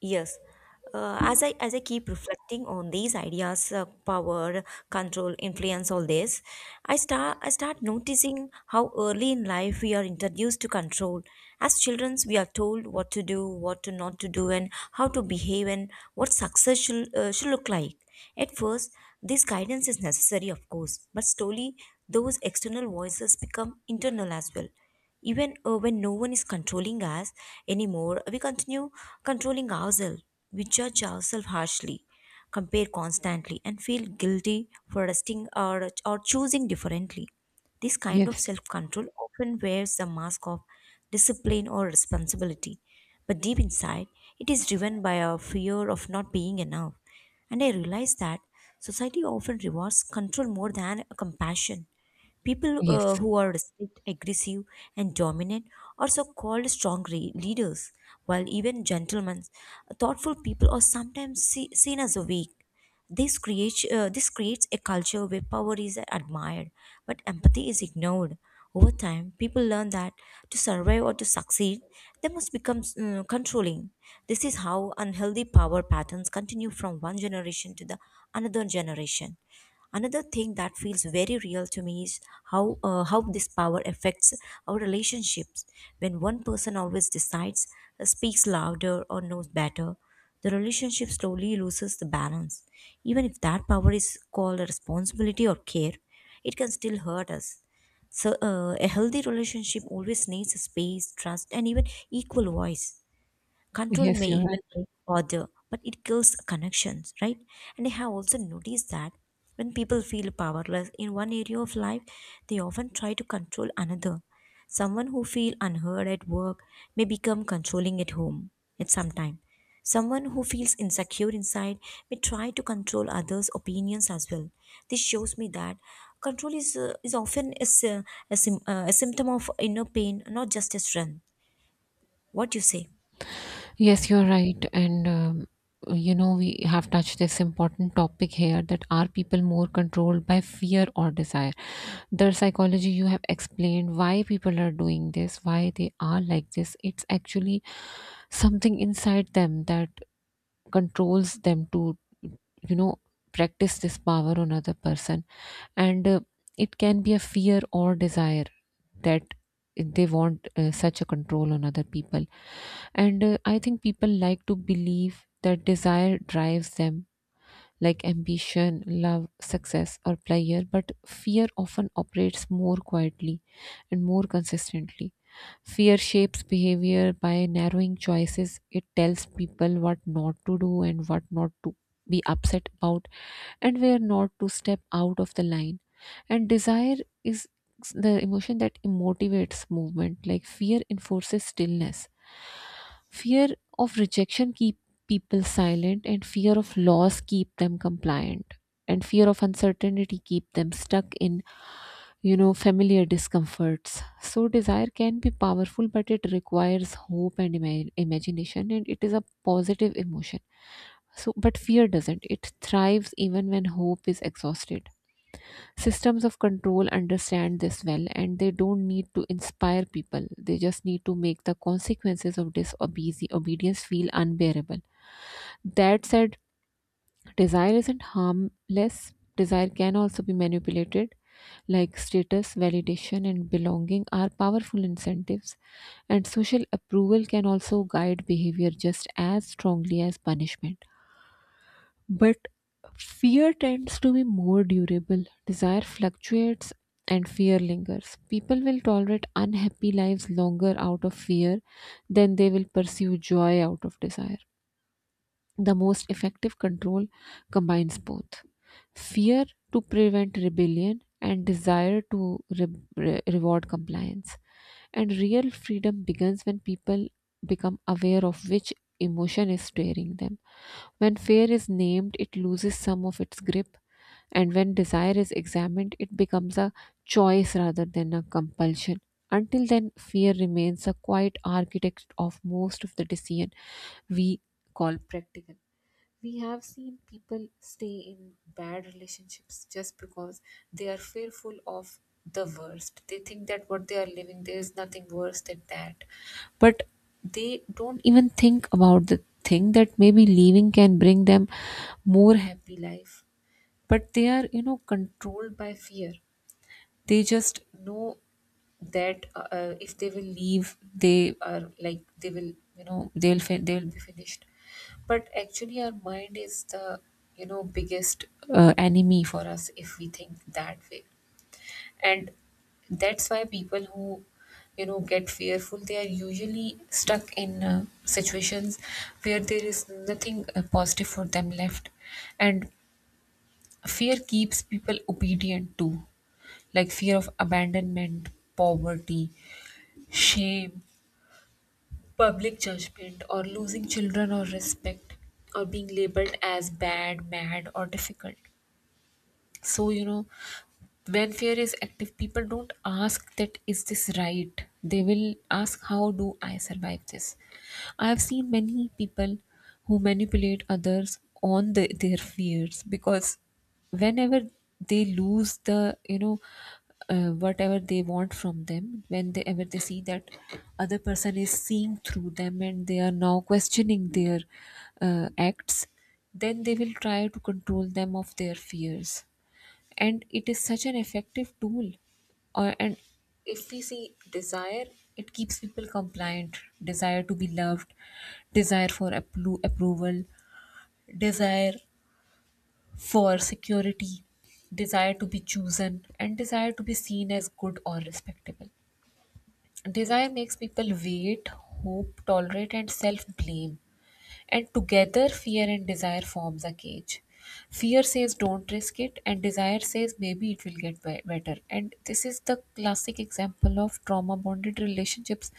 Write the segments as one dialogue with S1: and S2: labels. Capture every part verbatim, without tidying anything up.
S1: Yes. Uh, as I as I keep reflecting on these ideas, uh, power, control, influence, all this, I start I start noticing how early in life we are introduced to control. As children, we are told what to do, what to not to do, and how to behave, and what success should uh, should look like. At first, this guidance is necessary, of course, but slowly those external voices become internal as well even uh, when no one is controlling us anymore, we continue controlling ourselves, we judge ourselves harshly, compare constantly and feel guilty for resting or, or choosing differently. This kind of
S2: Yes,
S1: self-control often wears the mask of discipline or responsibility, but deep inside it is driven by a fear of not being enough. And I realize that society often rewards control more than compassion. People uh,
S2: yes,
S1: who are strict, aggressive, and dominant are so called strong re- leaders, while even gentlemen, thoughtful people are sometimes see- seen as weak. This creates, uh, this creates a culture where power is admired, but empathy is ignored. Over time, people learn that to survive or to succeed, they must become uh, controlling. This is how unhealthy power patterns continue from one generation to the another generation. Another thing that feels very real to me is how uh, how this power affects our relationships. When one person always decides, uh, speaks louder, or knows better, the relationship slowly loses the balance. Even if that power is called a responsibility or care, it can still hurt us. So, uh, a healthy relationship always needs a space, trust, and even equal voice. Control
S2: yes,
S1: may
S2: you're
S1: even
S2: right.
S1: break order, but it kills connections, right? And I have also noticed that when people feel powerless in one area of life, they often try to control another. Someone who feels unheard at work may become controlling at home at some time. Someone who feels insecure inside may try to control others' opinions as well. This shows me that control is, uh, is often a, sy- a, sym- uh, a symptom of inner pain, not just a strength. What do you say?
S2: Yes, you're right. And, um, you know, we have touched this important topic here that are people more controlled by fear or desire? The psychology you have explained why people are doing this, why they are like this. It's actually something inside them that controls them to you know practice this power on other person, and uh, it can be a fear or desire that they want uh, such a control on other people. And uh, i think people like to believe that desire drives them, like ambition, love, success, or pleasure, but fear often operates more quietly and more consistently. Fear shapes behavior by narrowing choices. It tells people what not to do and what not to be upset about, and where not to step out of the line. And desire is the emotion that motivates movement, like fear enforces stillness. Fear of rejection keeps people silent, and fear of loss keep them compliant, and fear of uncertainty keep them stuck in you know familiar discomforts. So desire can be powerful, but it requires hope and ima- imagination, and it is a positive emotion. So but fear doesn't, it thrives even when hope is exhausted. Systems of control understand this well, and they don't need to inspire people, they just need to make the consequences of disobedience obedience feel unbearable. That said, desire isn't harmless. Desire can also be manipulated, like status, validation, and belonging are powerful incentives, and social approval can also guide behavior just as strongly as punishment. But fear tends to be more durable. Desire fluctuates and fear lingers. People will tolerate unhappy lives longer out of fear than they will pursue joy out of desire. The most effective control combines both, fear to prevent rebellion and desire to re- re- reward compliance. And real freedom begins when people become aware of which emotion is steering them. When fear is named, it loses some of its grip, and when desire is examined, it becomes a choice rather than a compulsion. Until then, fear remains a quiet architect of most of the decision we call practical. We have seen people stay in bad relationships just because they are fearful of the worst. They think that what they are living, there is nothing worse than that. But they don't even think about the thing that maybe leaving can bring them more happy life, but they are you know controlled by fear. They just know that uh, uh, if they will leave, they are like they will you know they'll fin- they'll be finished. But actually our mind is the you know biggest uh, enemy for us if we think that way. And that's why people who you know get fearful, they are usually stuck in uh, situations where there is nothing uh, positive for them left. And fear keeps people obedient too, like fear of abandonment, poverty, shame, public judgment, or losing children or respect, or being labeled as bad, mad, or difficult. So you know when fear is active, people don't ask that is this right, they will ask how do I survive this. I have seen many people who manipulate others on the, their fears because whenever they lose the you know uh, whatever they want from them, when they ever they see that other person is seeing through them and they are now questioning their uh, acts, then they will try to control them of their fears. And it is such an effective tool. Uh, and if we see desire, it keeps people compliant. Desire to be loved, desire for appro- approval, desire for security, desire to be chosen, and desire to be seen as good or respectable. Desire
S1: Yes.
S2: makes people wait, hope, tolerate, and self blame. And together, fear and desire forms a cage. Fear says don't risk it, and desire says maybe it will get be- better. And this is the classic example of trauma bonded relationships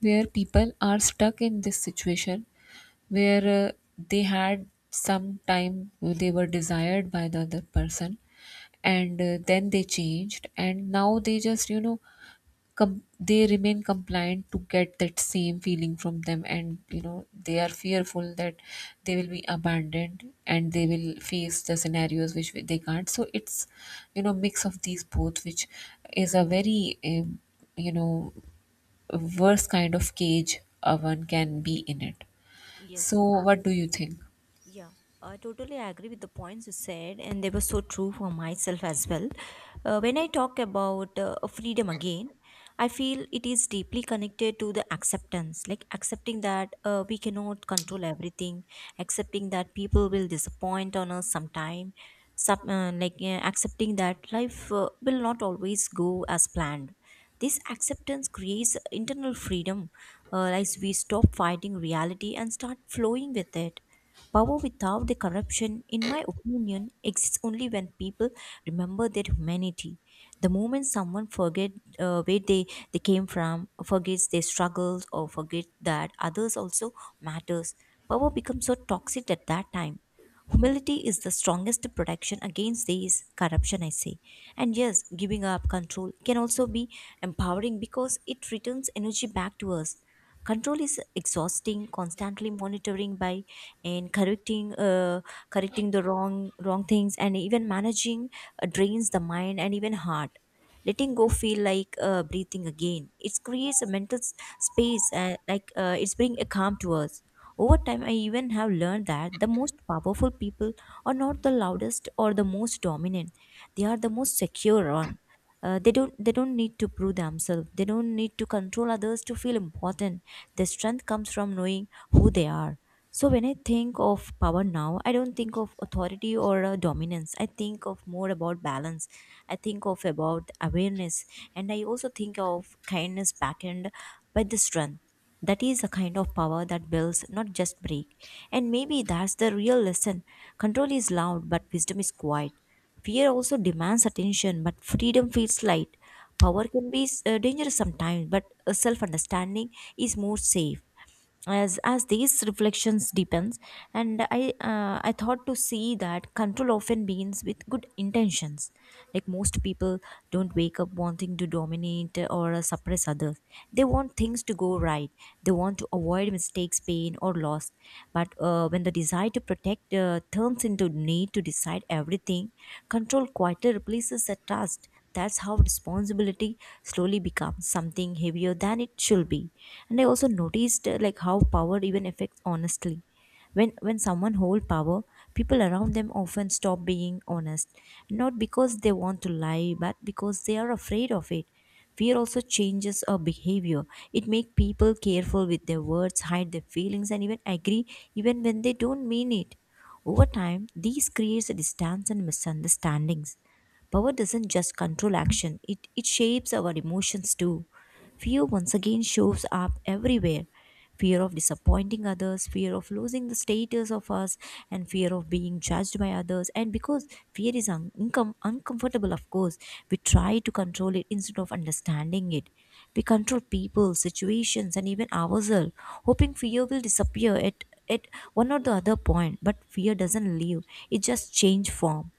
S2: where people are stuck in this situation where uh, they had some time they were desired by the other person, and uh, then they changed, and now they just you know com- they remain compliant to get that same feeling from them. And you know they are fearful that they will be abandoned and they will face the scenarios which they can't. So it's you know mix of these both, which is a very um, you know worst kind of cage uh, one can be in it. So
S1: Yes, I,
S2: what do you think?
S1: yeah, I totally agree with the points you said, and they were so true for myself as well. Uh, when I talk about uh, freedom again, I feel it is deeply connected to the acceptance, like accepting that uh, we cannot control everything, accepting that people will disappoint on us sometime, sub, uh, like uh, accepting that life uh, will not always go as planned. This acceptance creates internal freedom, uh, as we stop fighting reality and start flowing with it. Power without the corruption, in my opinion, exists only when people remember their humanity. The moment someone forget uh, where they, they came from, forgets their struggles, or forget that others also matters, power becomes so toxic at that time. Humility is the strongest protection against these corruption, I say. And yes, giving up control can also be empowering because it returns energy back to us. Control is exhausting. Constantly monitoring by and correcting uh, correcting the wrong wrong things and even managing uh, drains the mind and even heart. Letting go feel like uh, breathing again. It creates a mental s- space uh, like uh, it's bring a calm to us. Over time, I even have learned that the most powerful people are not the loudest or the most dominant. They are the most secure one. Uh, they don't they don't need to prove themselves. They don't need to control others to feel important. Their strength comes from knowing who they are. So when I think of power now, I don't think of authority or uh, dominance. I think of more about balance. I think of about awareness, and I also think of kindness backend by the strength. That is a kind of power that builds, not just break. And maybe that's the real lesson. Control is loud, but wisdom is quiet. Fear also demands attention, but freedom feels light. Power can be uh, dangerous sometimes, but self understanding is more safe. As as these reflections deepens, and i uh, i thought to see that control often begins with good intentions, like most people don't wake up wanting to dominate or uh, suppress others. They want things to go right, they want to avoid mistakes, pain or loss. But uh, when the desire to protect uh, turns into need to decide everything, control quietly replaces the trust. That's how responsibility slowly becomes something heavier than it should be. And I also noticed uh, like how power even affects honestly. When when someone hold power, people around them often stop being honest, not because they want to lie, but because they are afraid of it. Fear also changes our behavior. It makes people careful with their words, hide their feelings, and even agree even when they don't mean it. Over time, these creates a distance and misunderstandings. Power doesn't just control action, it, it shapes our emotions too. Fear once again shows up everywhere: fear of disappointing others, fear of losing the status of us, and fear of being judged by others. And because fear is un- uncom- uncomfortable, of course, we try to control it instead of understanding it. We control people, situations, and even ourselves, hoping fear will disappear at, at one or the other point. But fear doesn't leave, it just change form.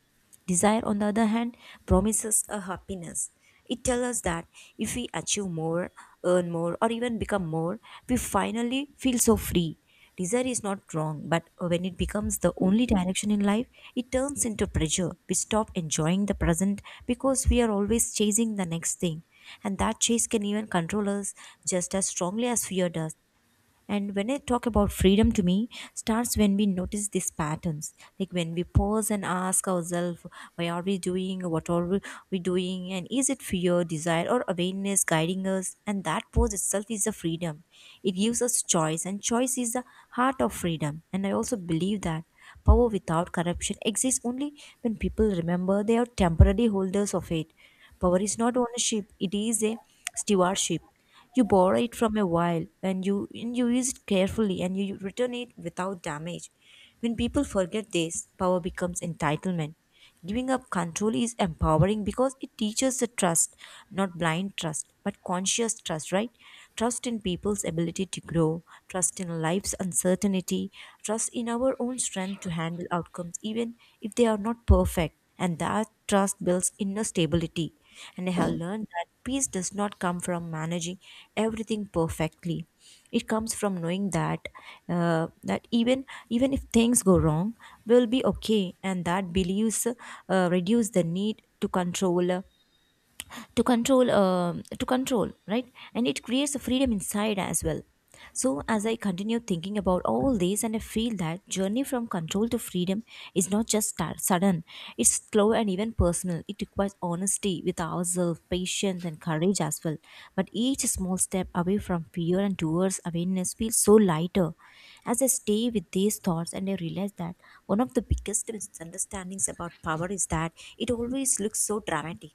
S1: Desire, on the other hand, promises a happiness. It tells us that if we achieve more, earn more, or even become more, we finally feel so free. Desire is not wrong, but when it becomes the only direction in life, it turns into pressure. We stop enjoying the present because we are always chasing the next thing. And that chase can even control us just as strongly as fear does. And when I talk about freedom to me, starts when we notice these patterns, like when we pause and ask ourselves, why are we doing, what are we we doing, and is it fear, desire, or awareness guiding us? And that pause itself is a freedom. It gives us choice, and choice is the heart of freedom. And I also believe that power without corruption exists only when people remember they are temporary holders of it. Power is not ownership, it is a stewardship, you borrow it from a while and you, and you use it carefully and you return it without damage. When people forget this, power becomes entitlement. Giving up control is empowering because it teaches the trust, not blind trust, but conscious trust, right? Trust in people's ability to grow, trust in life's uncertainty, trust in our own strength to handle outcomes, even if they are not perfect. And that trust builds inner stability, and I have learned that peace does not come from managing everything perfectly. It comes from knowing that uh, that even even if things go wrong, we'll be okay. And that beliefs uh, reduce the need to control uh, to control uh, to control right? And it creates a freedom inside as well. So as I continue thinking about all this, and I feel that journey from control to freedom is not just start, sudden, it's slow and even personal. It requires honesty with ourselves, patience and courage as well. But each small step away from fear and towards awareness feels so lighter. As I stay with these thoughts, and I realize that one of the biggest misunderstandings about power is that it always looks so dramatic.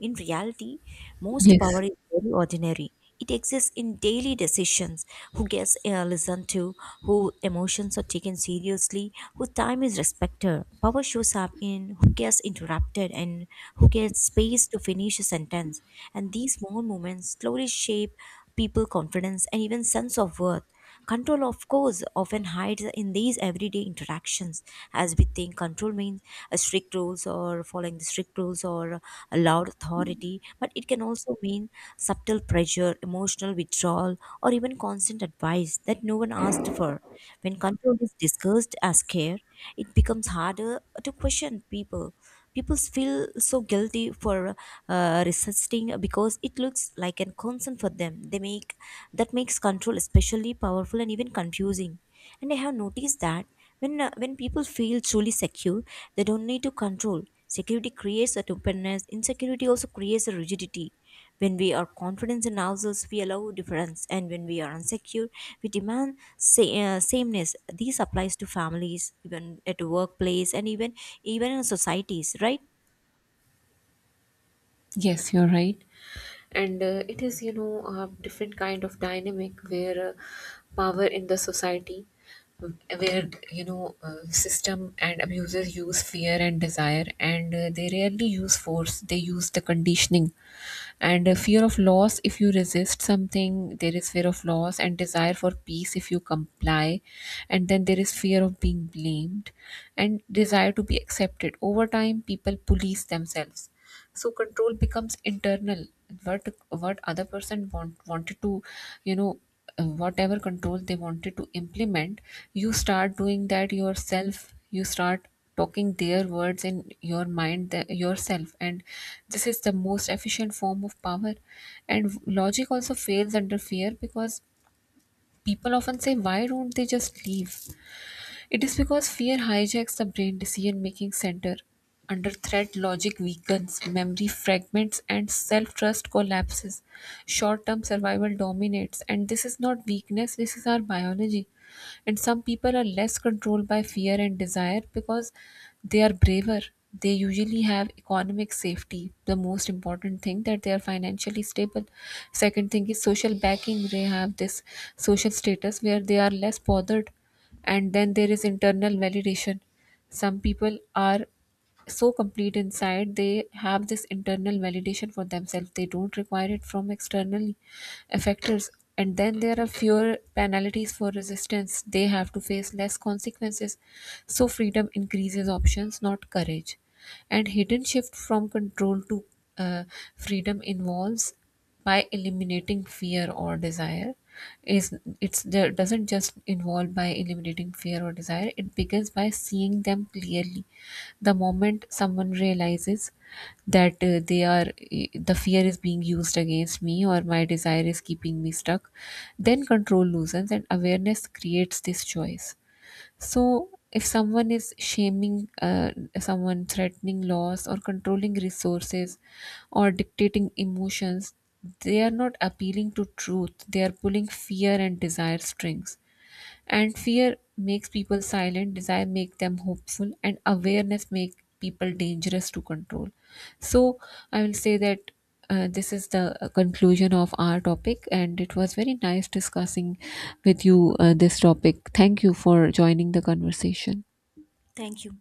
S1: In reality, most power
S2: Yes.
S1: is very ordinary. It exists in daily decisions: who gets uh, listened to, who emotions are taken seriously, whose time is respected. Power shows up in who gets interrupted and who gets space to finish a sentence. And these small moments slowly shape people' confidence and even sense of worth. Control, of course, often hides in these everyday interactions, as we think control means uh, strict rules or following the strict rules or a loud authority, but it can also mean subtle pressure, emotional withdrawal, or even constant advice that no one asked for. When control is discussed as care, it becomes harder to question people. People feel so guilty for uh, resisting because it looks like a concern for them they make that makes control especially powerful and even confusing. And I have noticed that when uh, when people feel truly secure, they don't need to control. Security creates that openness, insecurity also creates a rigidity. When we are confident in ourselves we allow difference, and when we are insecure we demand sa- uh, sameness. This applies to families, even at workplace and even even in societies, right?
S2: Yes, you're right. And uh, it is, you know, a different kind of dynamic where uh, power in the society, where, you know, uh, system and abusers use fear and desire, and uh, they rarely use force, they use the conditioning. And uh, fear of loss, if you resist something, there is fear of loss, and desire for peace if you comply. And then there is fear of being blamed and desire to be accepted. Over time, people police themselves, so control becomes internal. What what other person want wanted to you know uh, whatever control they wanted to implement, you start doing that yourself. You start talking their words in your mind, the, yourself. And this is the most efficient form of power. And logic also fails under fear, because people often say why don't they just leave. It is because fear hijacks the brain decision making center. Under threat, logic weakens, memory fragments, and self trust collapses. Short term survival dominates, and this is not weakness, this is our biology. And some people are less controlled by fear and desire because they are braver. They usually have economic safety, the most important thing, that they are financially stable. Second thing is social backing, they have this social status where they are less bothered. And then there is internal validation. Some people are so complete inside, they have this internal validation for themselves, they don't require it from external factors. And then there are fewer penalties for resistance, they have to face less consequences. So freedom increases options, not courage. And hidden shift from control to uh, freedom involves by eliminating fear or desire is it's there doesn't just involve by eliminating fear or desire, it begins by seeing them clearly. The moment someone realizes that uh, they are the fear is being used against me, or my desire is keeping me stuck, then control loosens and awareness creates this choice. So, if someone is shaming uh, someone, threatening laws, or controlling resources, or dictating emotions, they are not appealing to truth. They are pulling fear and desire strings. And fear makes people silent, desire make them hopeful, and awareness make people dangerous to control. So, I will say that uh, this is the uh, conclusion of our topic, and it was very nice discussing with you uh, this topic. Thank you for joining the conversation.
S1: Thank you.